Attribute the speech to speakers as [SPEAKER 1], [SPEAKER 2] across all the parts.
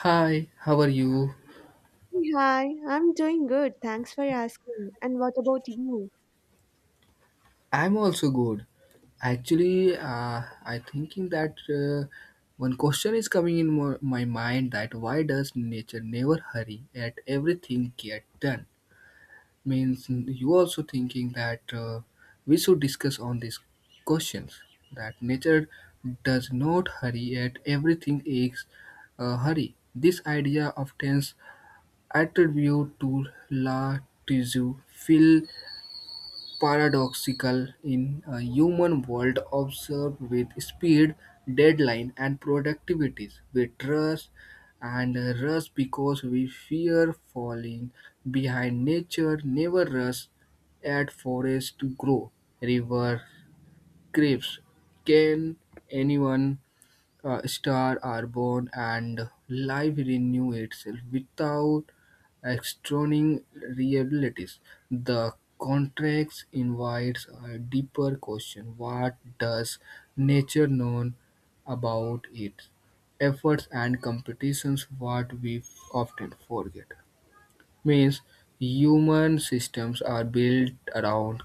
[SPEAKER 1] Hi, how are you?
[SPEAKER 2] Hey, Hi, I'm doing good. Thanks for asking. And what about you?
[SPEAKER 1] I'm also good. Actually, I thinking that one question is coming in my mind that why does nature never hurry at everything get done? Means you also thinking that we should discuss on these questions that nature does not hurry at everything is hurry. This idea often attributed to La Tzu, Phil paradoxical in a human world observed with speed, deadline, and productivities. We trust and rush because we fear falling behind. Nature never rush at forest to grow. River creeps. Can anyone stars are born and life renew itself without external realities. The contract invites a deeper question: What does nature know about its efforts and competitions? What we often forget means human systems are built around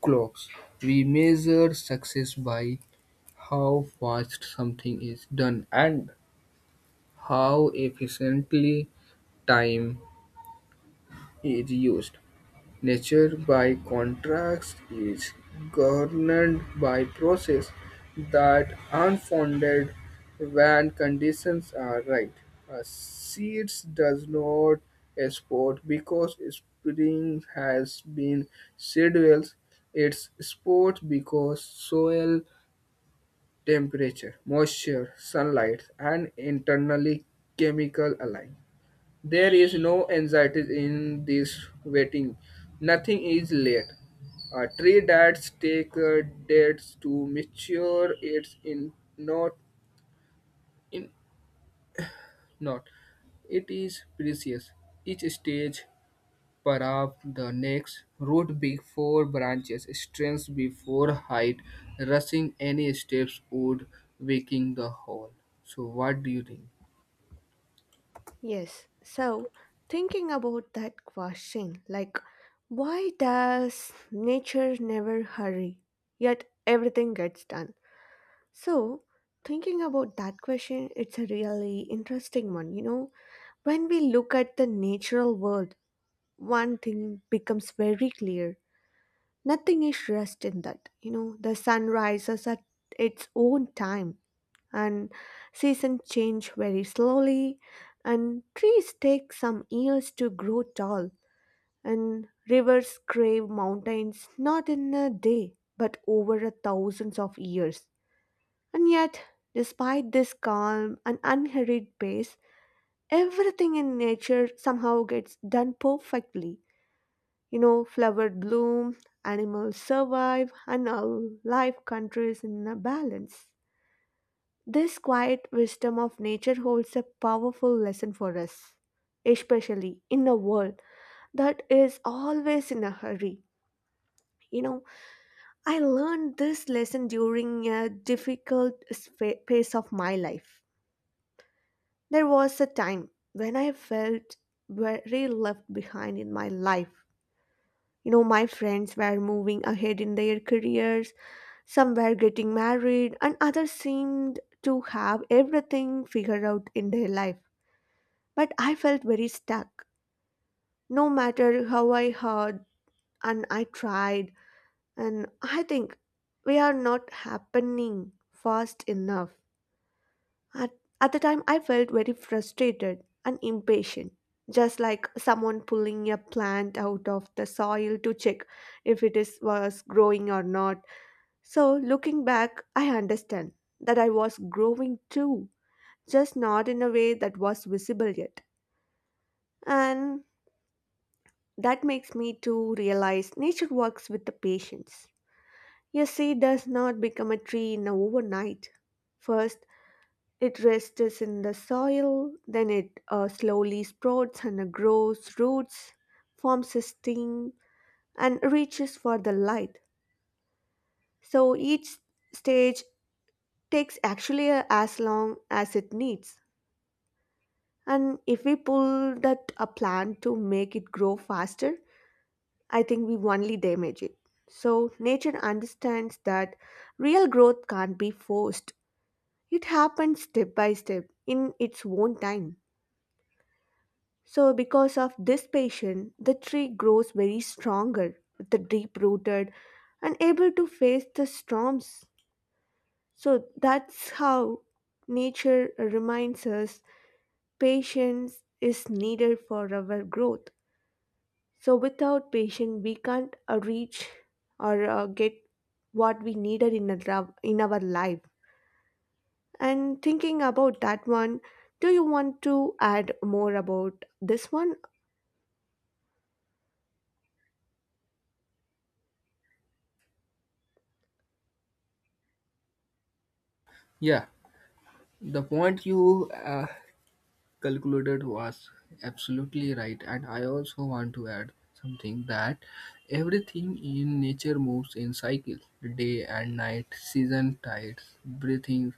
[SPEAKER 1] clocks. We measure success by how fast something is done and how efficiently time is used. Nature, by contrast, is governed by process that are founded when conditions are right. A seeds does not export because spring has been scheduled. It sports because soil temperature, moisture, sunlight, and internally chemical align. There is no anxiety in this waiting. Nothing is late. A tree that takes dates to mature it's in not in not. It is precious. Each stage parab the next root before branches, strength before height, rushing any steps would waking the whole. So what do you think?
[SPEAKER 2] Yes. So, thinking about that question, like, why does nature never hurry, yet everything gets done? So, thinking about that question, it's a really interesting one. You know, when we look at the natural world, one thing becomes very clear. Nothing is rushed in that. You know, the sun rises at its own time and seasons change very slowly and trees take some years to grow tall and rivers crave mountains not in a day but over a thousands of years. And yet, despite this calm and unhurried pace, everything in nature somehow gets done perfectly. You know, flowers bloom, animals survive, and our life countries in a balance. This quiet wisdom of nature holds a powerful lesson for us, especially in a world that is always in a hurry. You know, I learned this lesson during a difficult phase of my life. There was a time when I felt very left behind in my life. You know, my friends were moving ahead in their careers, some were getting married, and others seemed to have everything figured out in their life. But I felt very stuck. No matter how I heard and I tried, and I think we are not happening fast enough. At, at the time, I felt very frustrated and impatient, just like someone pulling a plant out of the soil to check if it is was growing or not. So, looking back, I understand that I was growing too, just not in a way that was visible yet. And that makes me to realize nature works with the patience. A seed does not become a tree in a overnight. First, it rests in the soil, then it slowly sprouts and grows roots, forms a stem, and reaches for the light. So each stage takes actually as long as it needs. And if we pull that a plant to make it grow faster, I think we only damage it. So, nature understands that real growth can't be forced. It happens step by step in its own time. So, because of this patience, the tree grows very stronger, the deep rooted, and able to face the storms. So, that's how nature reminds us patience is needed for our growth. So without patience, we can't reach or get what we needed in our life. And thinking about that one, do you want to add more about this one?
[SPEAKER 1] Yeah, the point you calculated was absolutely right, and I also want to add something that everything in nature moves in cycles, day and night, season, tides, breathing,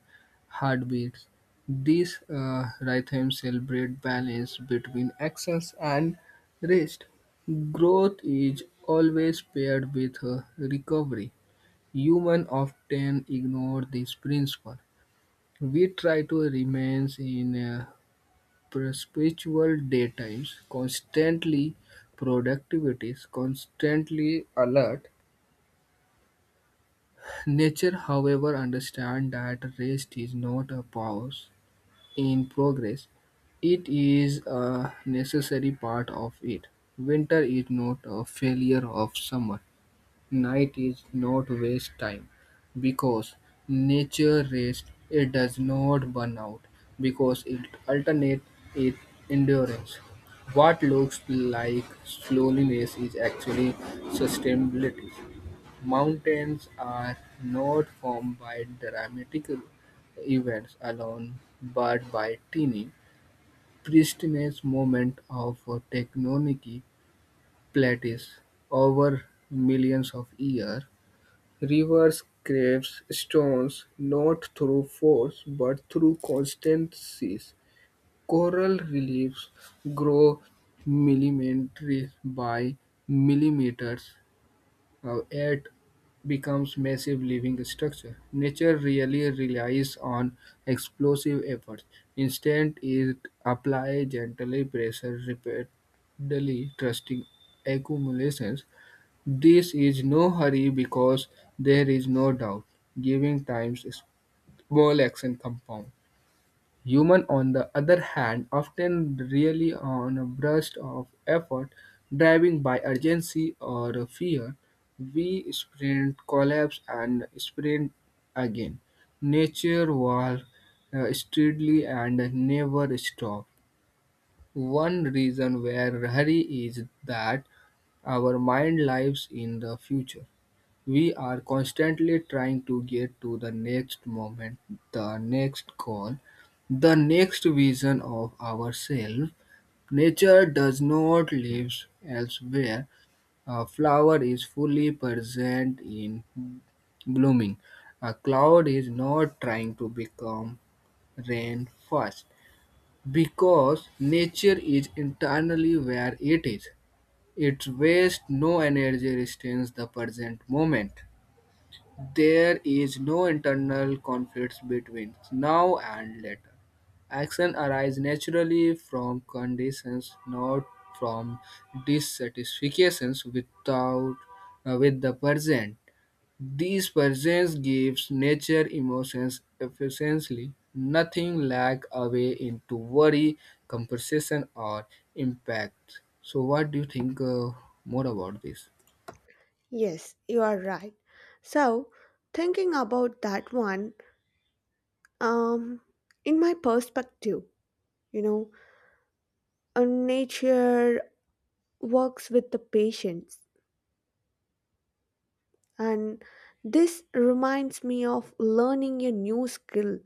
[SPEAKER 1] heartbeats. These rhythms celebrate balance between actions and rest. Growth is always paired with recovery. Human often ignore this principle. We try to remain in a perpetual daytimes, constantly productivities, constantly alert. Nature, however, understands that rest is not a pause in progress. It is a necessary part of it. Winter is not a failure of summer. Night is not waste time because nature rest it does not burn out because it alternate its endurance. What looks like slowness is actually sustainability. Mountains are not formed by dramatic events alone but by tiny pristinous moment of tectonic plates over millions of years. Rivers craves stones not through force but through constancy. Coral reliefs grow millimeters by millimeters, yet becomes massive living structure. Nature really relies on explosive efforts. Instead, it applies gently pressure repeatedly, trusting accumulations. This is no hurry because there is no doubt, giving times is small action compound. Human, on the other hand, often really on a burst of effort, driving by urgency or fear. We sprint, collapse, and sprint again. Nature walks steadily and never stops. One reason where hurry is that our mind lives in the future. We are constantly trying to get to the next moment, the next goal, the next vision of ourselves. Nature does not live elsewhere. A flower is fully present in blooming. A cloud is not trying to become rain first because nature is internally where it is. It wastes no energy, retains the present moment. There is no internal conflict between now and later. Action arises naturally from conditions, not from dissatisfactions without, with the present. These presence gives nature emotions efficiently, nothing lack away into worry, compensation or impact. So what do you think more about this?
[SPEAKER 2] Yes, you are right. So, thinking about that one, um, in my perspective, you know, nature works with the patience, and this reminds me of learning a new skill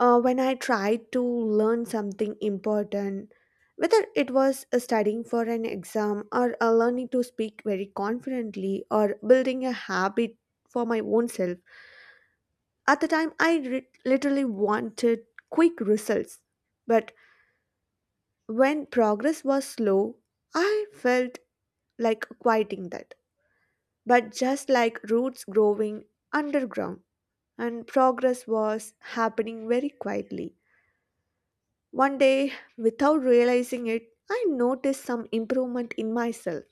[SPEAKER 2] when I tried to learn something important, whether it was studying for an exam or learning to speak very confidently or building a habit for my own self. At the time, I literally wanted quick results. But when progress was slow, I felt like quieting that. But just like roots growing underground, and progress was happening very quietly. One day, without realizing it, I noticed some improvement in myself.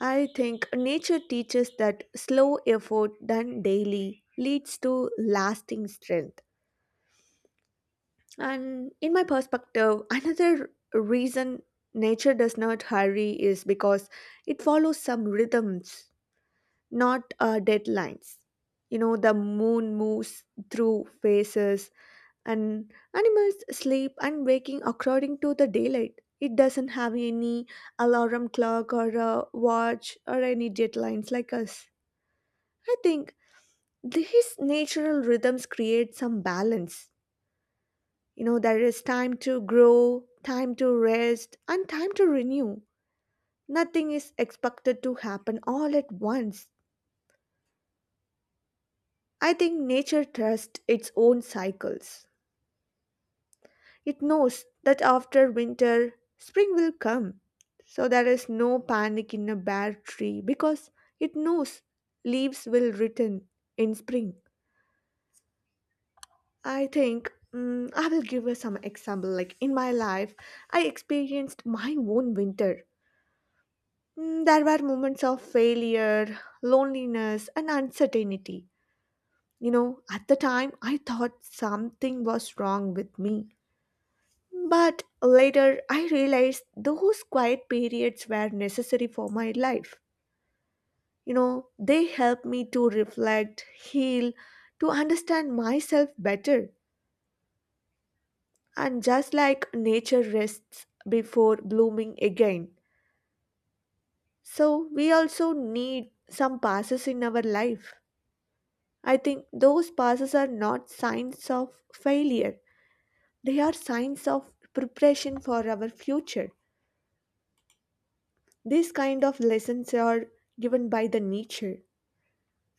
[SPEAKER 2] I think nature teaches that slow effort done daily leads to lasting strength. And in my perspective, another reason nature does not hurry is because it follows some rhythms, not deadlines. You know, the moon moves through phases, and animals sleep and waking according to the daylight. It doesn't have any alarm clock or a watch or any deadlines like us. I think these natural rhythms create some balance. You know, there is time to grow, time to rest, and time to renew. Nothing is expected to happen all at once. I think nature trusts its own cycles. It knows that after winter, spring will come. So there is no panic in a bare tree because it knows leaves will return in spring. I think I will give you some example. Like in my life, I experienced my own winter. There were moments of failure, loneliness, and uncertainty. You know, at the time, I thought something was wrong with me. But later I realized those quiet periods were necessary for my life. You know, they helped me to reflect, heal, to understand myself better. And just like nature rests before blooming again, so we also need some passes in our life. I think those passes are not signs of failure, they are signs of preparation for our future. These kind of lessons are given by the nature.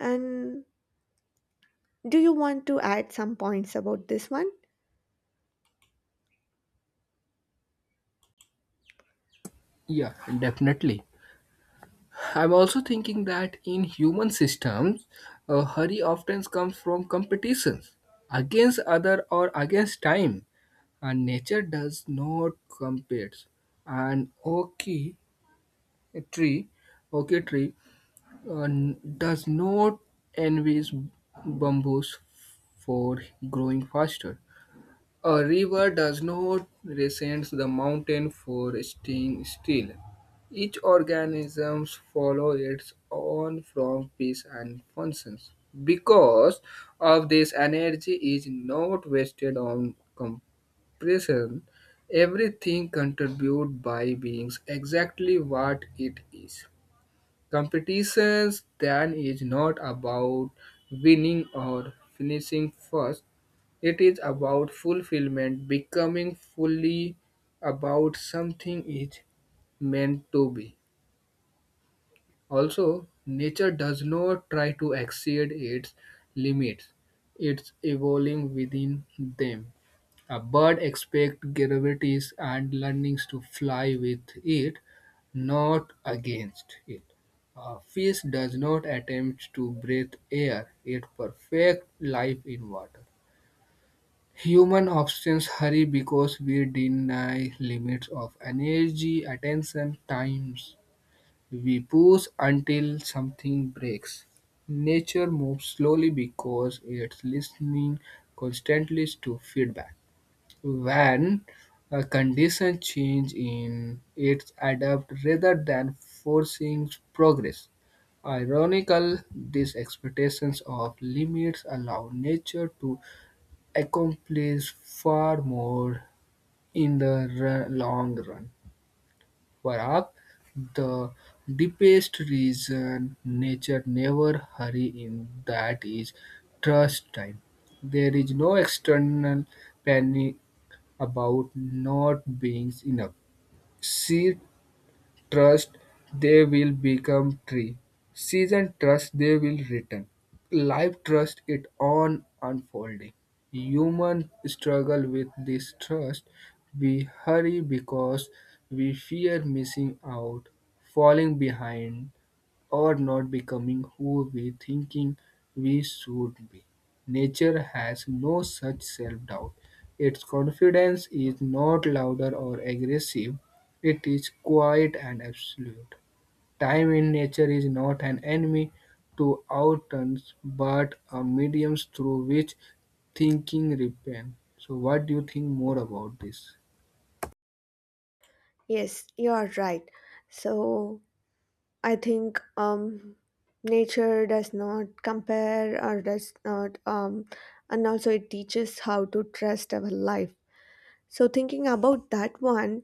[SPEAKER 2] And do you want to add some points about this one?
[SPEAKER 1] Yeah, definitely. I'm also thinking that in human systems, hurry often comes from competitions against other or against time, and nature does not compete. An oak tree, oak tree does not envy bamboos for growing faster. A river does not resent the mountain for staying still. Each organism follows its own from peace and functions. Because of this, energy is not wasted on compression. Everything contributes by being exactly what it is. Competitions then is not about winning or finishing first, it is about fulfillment, becoming fully about something is meant to be. Also, nature does not try to exceed its limits, it's evolving within them. A bird expects gravities and learnings to fly with it, not against it. A fish does not attempt to breathe air, it perfects life in water. Human options hurry because we deny limits of energy, attention, times. We push until something breaks. Nature moves slowly because it's listening constantly to feedback. When a condition change in its adapt rather than forcing progress. Ironical, these expectations of limits allow nature to accomplish far more in the long run. For Perhaps the deepest reason nature never hurry in that is trust time. There is no external panic about not being enough. She trust they will become tree. Season trust they will return. Life trust it on unfolding. Human struggle with this trust. We hurry because we fear missing out, falling behind, or not becoming who we thinking we should be. Nature has no such self-doubt. Its confidence is not louder or aggressive. It is quiet and absolute. Time in nature is not an enemy to our turns, but a medium through which thinking repent. So what do you think more about this?
[SPEAKER 2] Yes, you are right. So I think nature does not compare or does not, and also it teaches how to trust our life. So thinking about that one,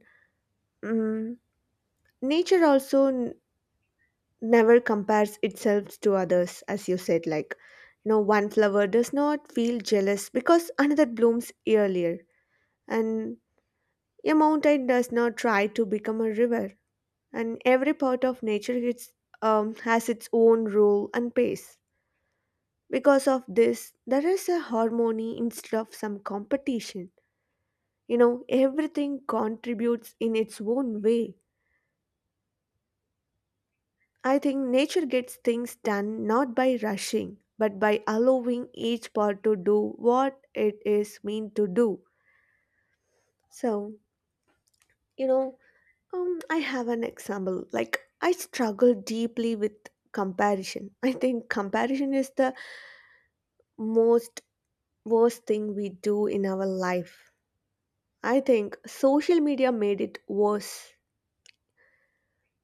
[SPEAKER 2] um, nature also never compares itself to others as you said, like, you know, one flower does not feel jealous because another blooms earlier. And a mountain does not try to become a river, and every part of nature has its own role and pace. Because of this, there is a harmony instead of some competition. You know, everything contributes in its own way. I think nature gets things done not by rushing, but by allowing each part to do what it is meant to do. So, you know, I have an example. Like, I struggle deeply with comparison. I think comparison is the most worst thing we do in our life. I think social media made it worse.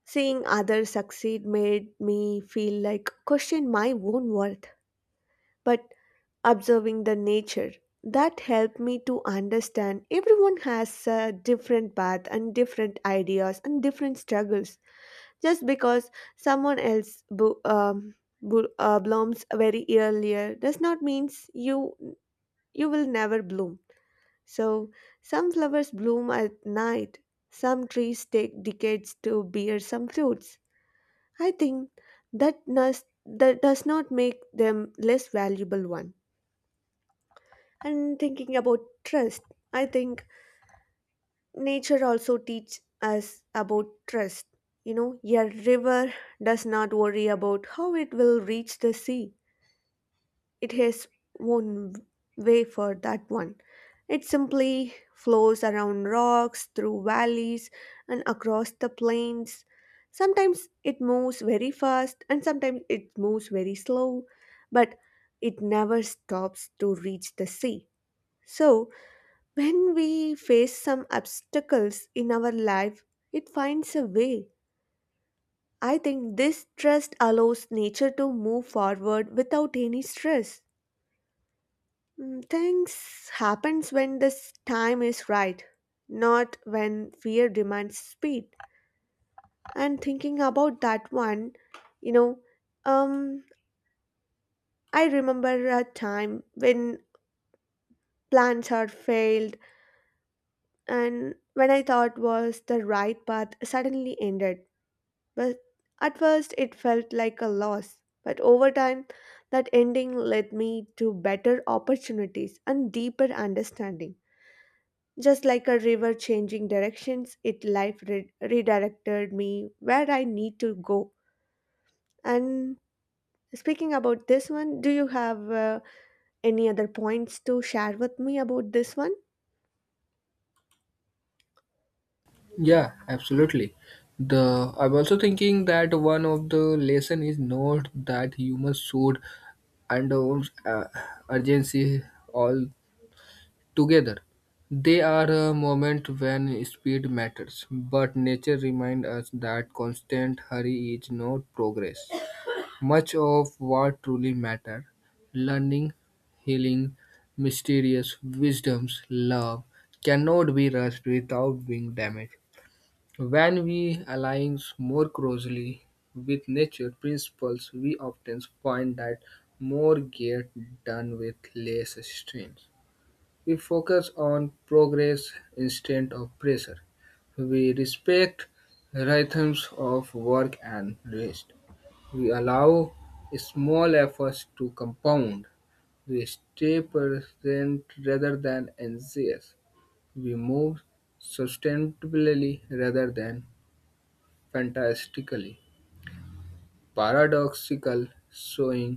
[SPEAKER 2] Seeing others succeed made me feel like question my own worth. But observing the nature, that helped me to understand everyone has a different path and different ideas and different struggles. Just because someone else blooms very earlier does not means you will never bloom. So some flowers bloom at night, some trees take decades to bear some fruits. I think that does not make them less valuable one. And thinking about trust, I think nature also teaches us about trust. You know, a river does not worry about how it will reach the sea. It has one way for that one. It simply flows around rocks, through valleys, and across the plains. Sometimes it moves very fast and sometimes it moves very slow, but it never stops to reach the sea. So, when we face some obstacles in our life, it finds a way. I think this trust allows nature to move forward without any stress. Things happens when this time is right, not when fear demands speed. And thinking about that one, you know, um, I remember a time when plans had failed and when I thought was the right path suddenly ended. But at first, it felt like a loss. But over time, that ending led me to better opportunities and deeper understanding. Just like a river changing directions, it life redirected me where I need to go. And speaking about this one, do you have any other points to share with me about this one?
[SPEAKER 1] Yeah, absolutely. The I'm also thinking that one of the lesson is not that humans should under urgency all together. They are a moment when speed matters, but nature reminds us that constant hurry is not progress. Much of what truly matters, learning, healing, mysterious wisdoms, love, cannot be rushed without being damaged. When we align more closely with nature principles, we often find that more get done with less strain. We focus on progress instead of pressure. We respect rhythms of work and rest. We allow small efforts to compound. We stay present rather than anxious. We move sustainably rather than fantastically paradoxical, slowing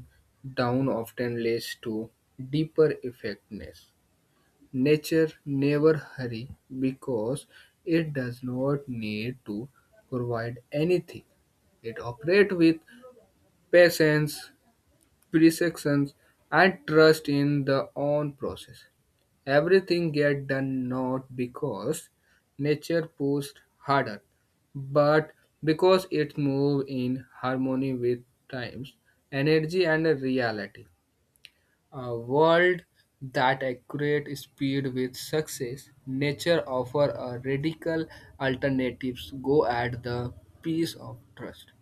[SPEAKER 1] down often leads to deeper effectiveness. Nature never hurries because it does not need to provide anything. It operates with patience, precision, and trust in the own process. Everything get done not because nature pushed harder, but because it moved in harmony with times, energy and reality. A world that accurate speed with success, nature offer a radical alternatives go at the peace of trust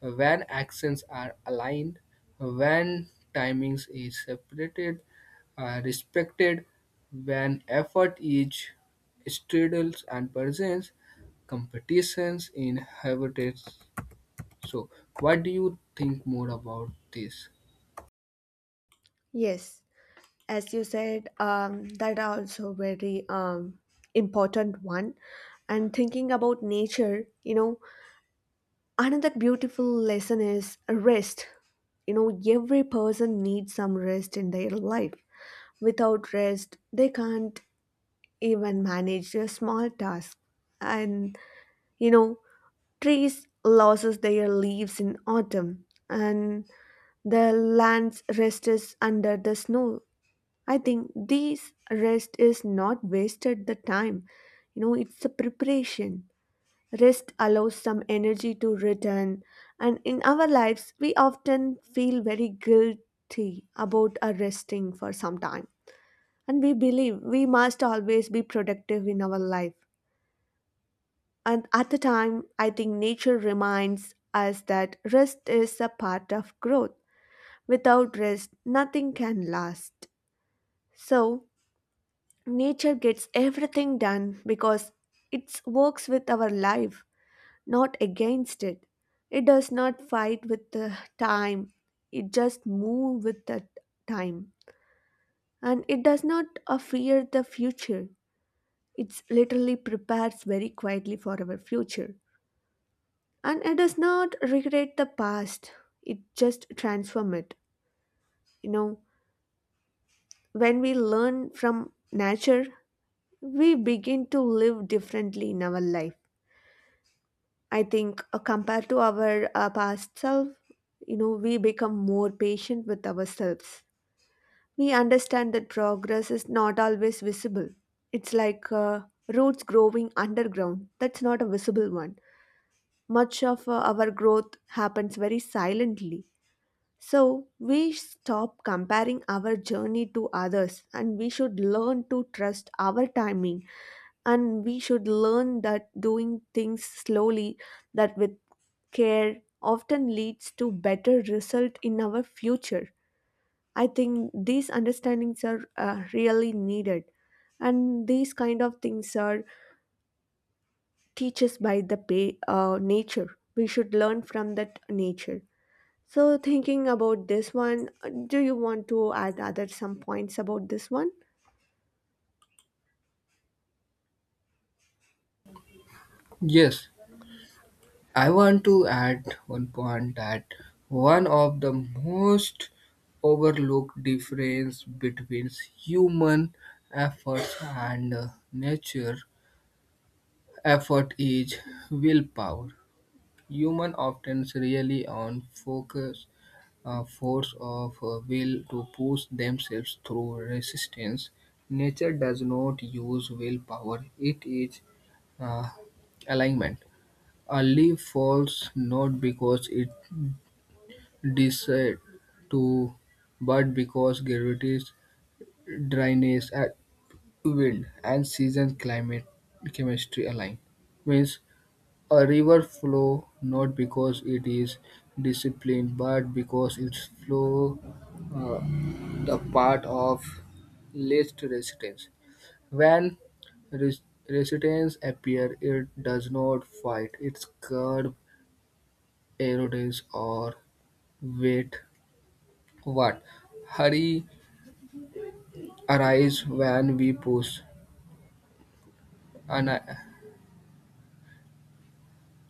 [SPEAKER 1] when actions are aligned, when timings is separated, respected, when effort is straddles and presents competitions in habitats. So, what do you think more about this?
[SPEAKER 2] Yes, as you said, that are also very important one. And thinking about nature, you know, another beautiful lesson is rest. You know, every person needs some rest in their life. Without rest they can't even manage a small task. And you know, trees loses their leaves in autumn and the land's rest is under the snow. I think these rest is not wasted the time. You know, it's a preparation. Rest allows some energy to return, and in our lives, we often feel very guilty about our resting for some time. And we believe we must always be productive in our life. And at the time, I think nature reminds us that rest is a part of growth. Without rest, nothing can last. So, nature gets everything done because it works with our life, not against it. It does not fight with the time, it just moves with the time. And it does not fear the future, it literally prepares very quietly for our future. And it does not regret the past, it just transforms it. You know, when we learn from nature, we begin to live differently in our life. I think compared to our past self, you know, we become more patient with ourselves. We understand that progress is not always visible. It's like roots growing underground. That's not a visible one. Much of our growth happens very silently. So we stop comparing our journey to others and we should learn to trust our timing, and we should learn that doing things slowly, that with care, often leads to better result in our future. I think these understandings are really needed, and these kind of things are teaches by the nature. We should learn from that nature. So thinking about this one, do you want to add other some points about this one?
[SPEAKER 1] Yes, I want to add one point that one of the most overlooked difference between human efforts and nature Effort is willpower. Human often rely on focus, a force of will to push themselves through resistance. Nature does not use willpower, it is uh, alignment. A leaf falls not because it decides to, but because gravity, dryness, and wind and season climate chemistry align means a river flows not because it is disciplined, but because its flow. uh, the part of least resistance. When res- resistance appears, it does not fight. Its curb erodes or wait. What? Hurry arise when we push. Ana-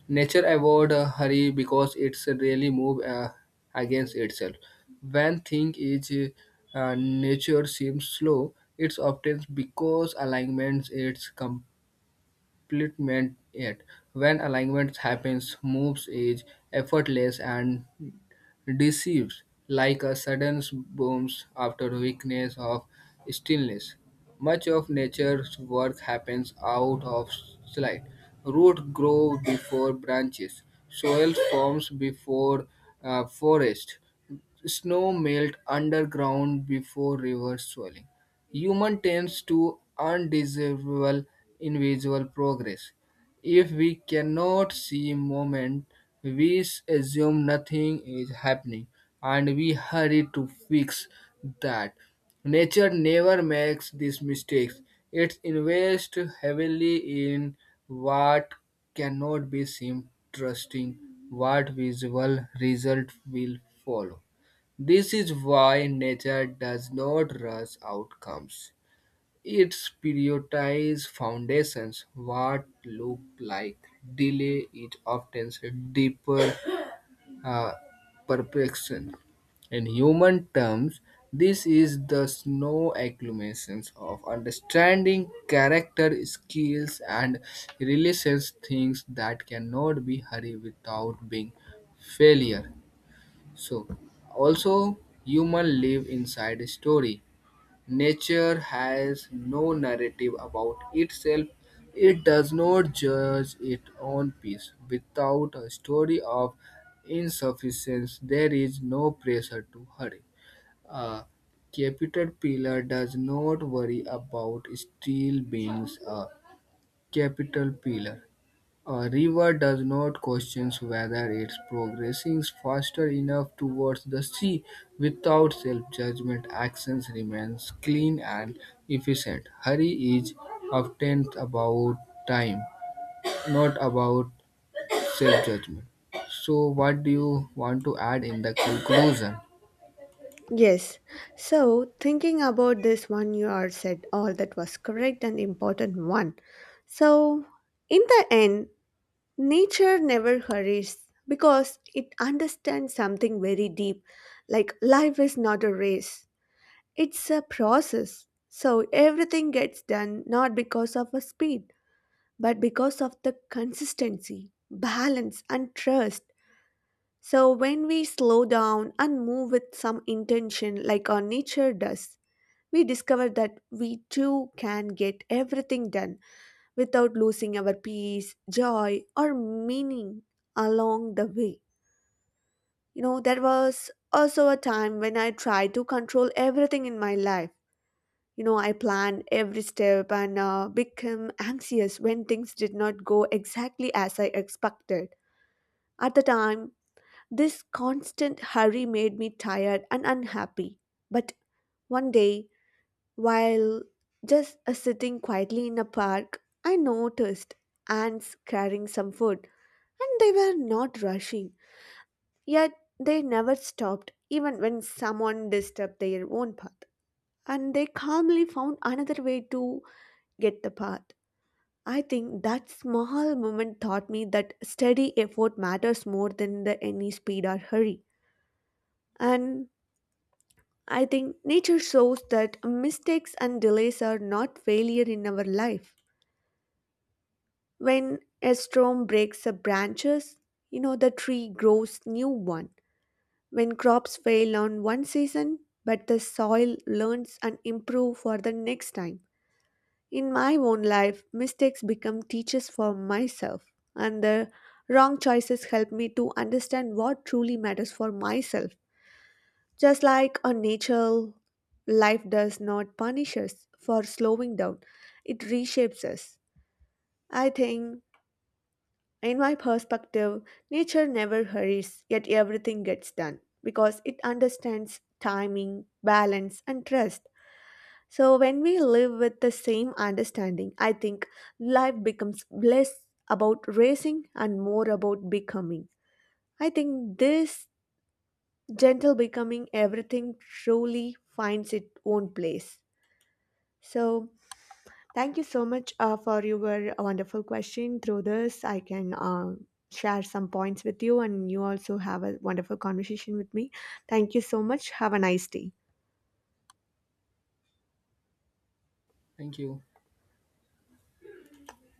[SPEAKER 1] Nature avoid hurry because it's really move against itself. When thing is nature seems slow, it's often because alignment is complete splitment it when alignment happens, moves is effortless and deceives, like a sudden boom after weakness of stillness. Much of nature's work happens out of sight. Roots grow before branches, soil forms before forest, snow melt underground before river swelling. Human tends to undesirable invisible progress. If we cannot see moment, we assume nothing is happening and we hurry to fix that. Nature never makes these mistakes. It invests heavily in what cannot be seen, trusting what visible result will follow. This is why nature does not rush outcomes. It prioritizes foundations. What look like delay is often deeper uh, perfection. In human terms, this is the snow accumulations of understanding character, skills, and relations, things that cannot be hurried without being failure. So, also human live inside a story. Nature has no narrative about itself. It does not judge its own peace. Without a story of insufficiency, there is no pressure to hurry. A caterpillar does not worry about steel being a caterpillar. A river does not question whether it's progressing faster enough towards the sea. Without self-judgment, actions remains clean and efficient. Hurry is often about time, not about self-judgment. So, what do you want to add in the conclusion?
[SPEAKER 2] Yes. So, thinking about this one, you are said all that was correct and important one. So, in the end, nature never hurries because it understands something very deep, like life is not a race, it's a process. So everything gets done not because of a speed, but because of the consistency, balance, and trust. So when we slow down and move with some intention, like our nature does, we discover that we too can get everything done without losing our peace, joy, or meaning along the way. You know, there was also a time when I tried to control everything in my life. You know, I planned every step and became anxious when things did not go exactly as I expected. At the time, this constant hurry made me tired and unhappy. But one day, while just sitting quietly in a park, I noticed ants carrying some food. And they were not rushing, yet they never stopped, even when someone disturbed their own path. And they calmly found another way to get the path. I think that small moment taught me that steady effort matters more than the any speed or hurry. And I think nature shows that mistakes and delays are not failure in our life. When a storm breaks the branches, you know the tree grows new one. When crops fail on one season, but the soil learns and improves for the next time. In my own life mistakes become teachers for myself, and the wrong choices help me to understand what truly matters for myself. Just like a nature, life does not punish us for slowing down, it reshapes us. I think in my perspective, nature never hurries, yet everything gets done because it understands timing, balance, and trust. So, when we live with the same understanding, I think life becomes less about racing and more about becoming. I think this gentle becoming, everything truly finds its own place. So, thank you so much for your wonderful question. Through this, I can share some points with you, and you also have a wonderful conversation with me. Thank you so much. Have a nice day.
[SPEAKER 1] Thank you.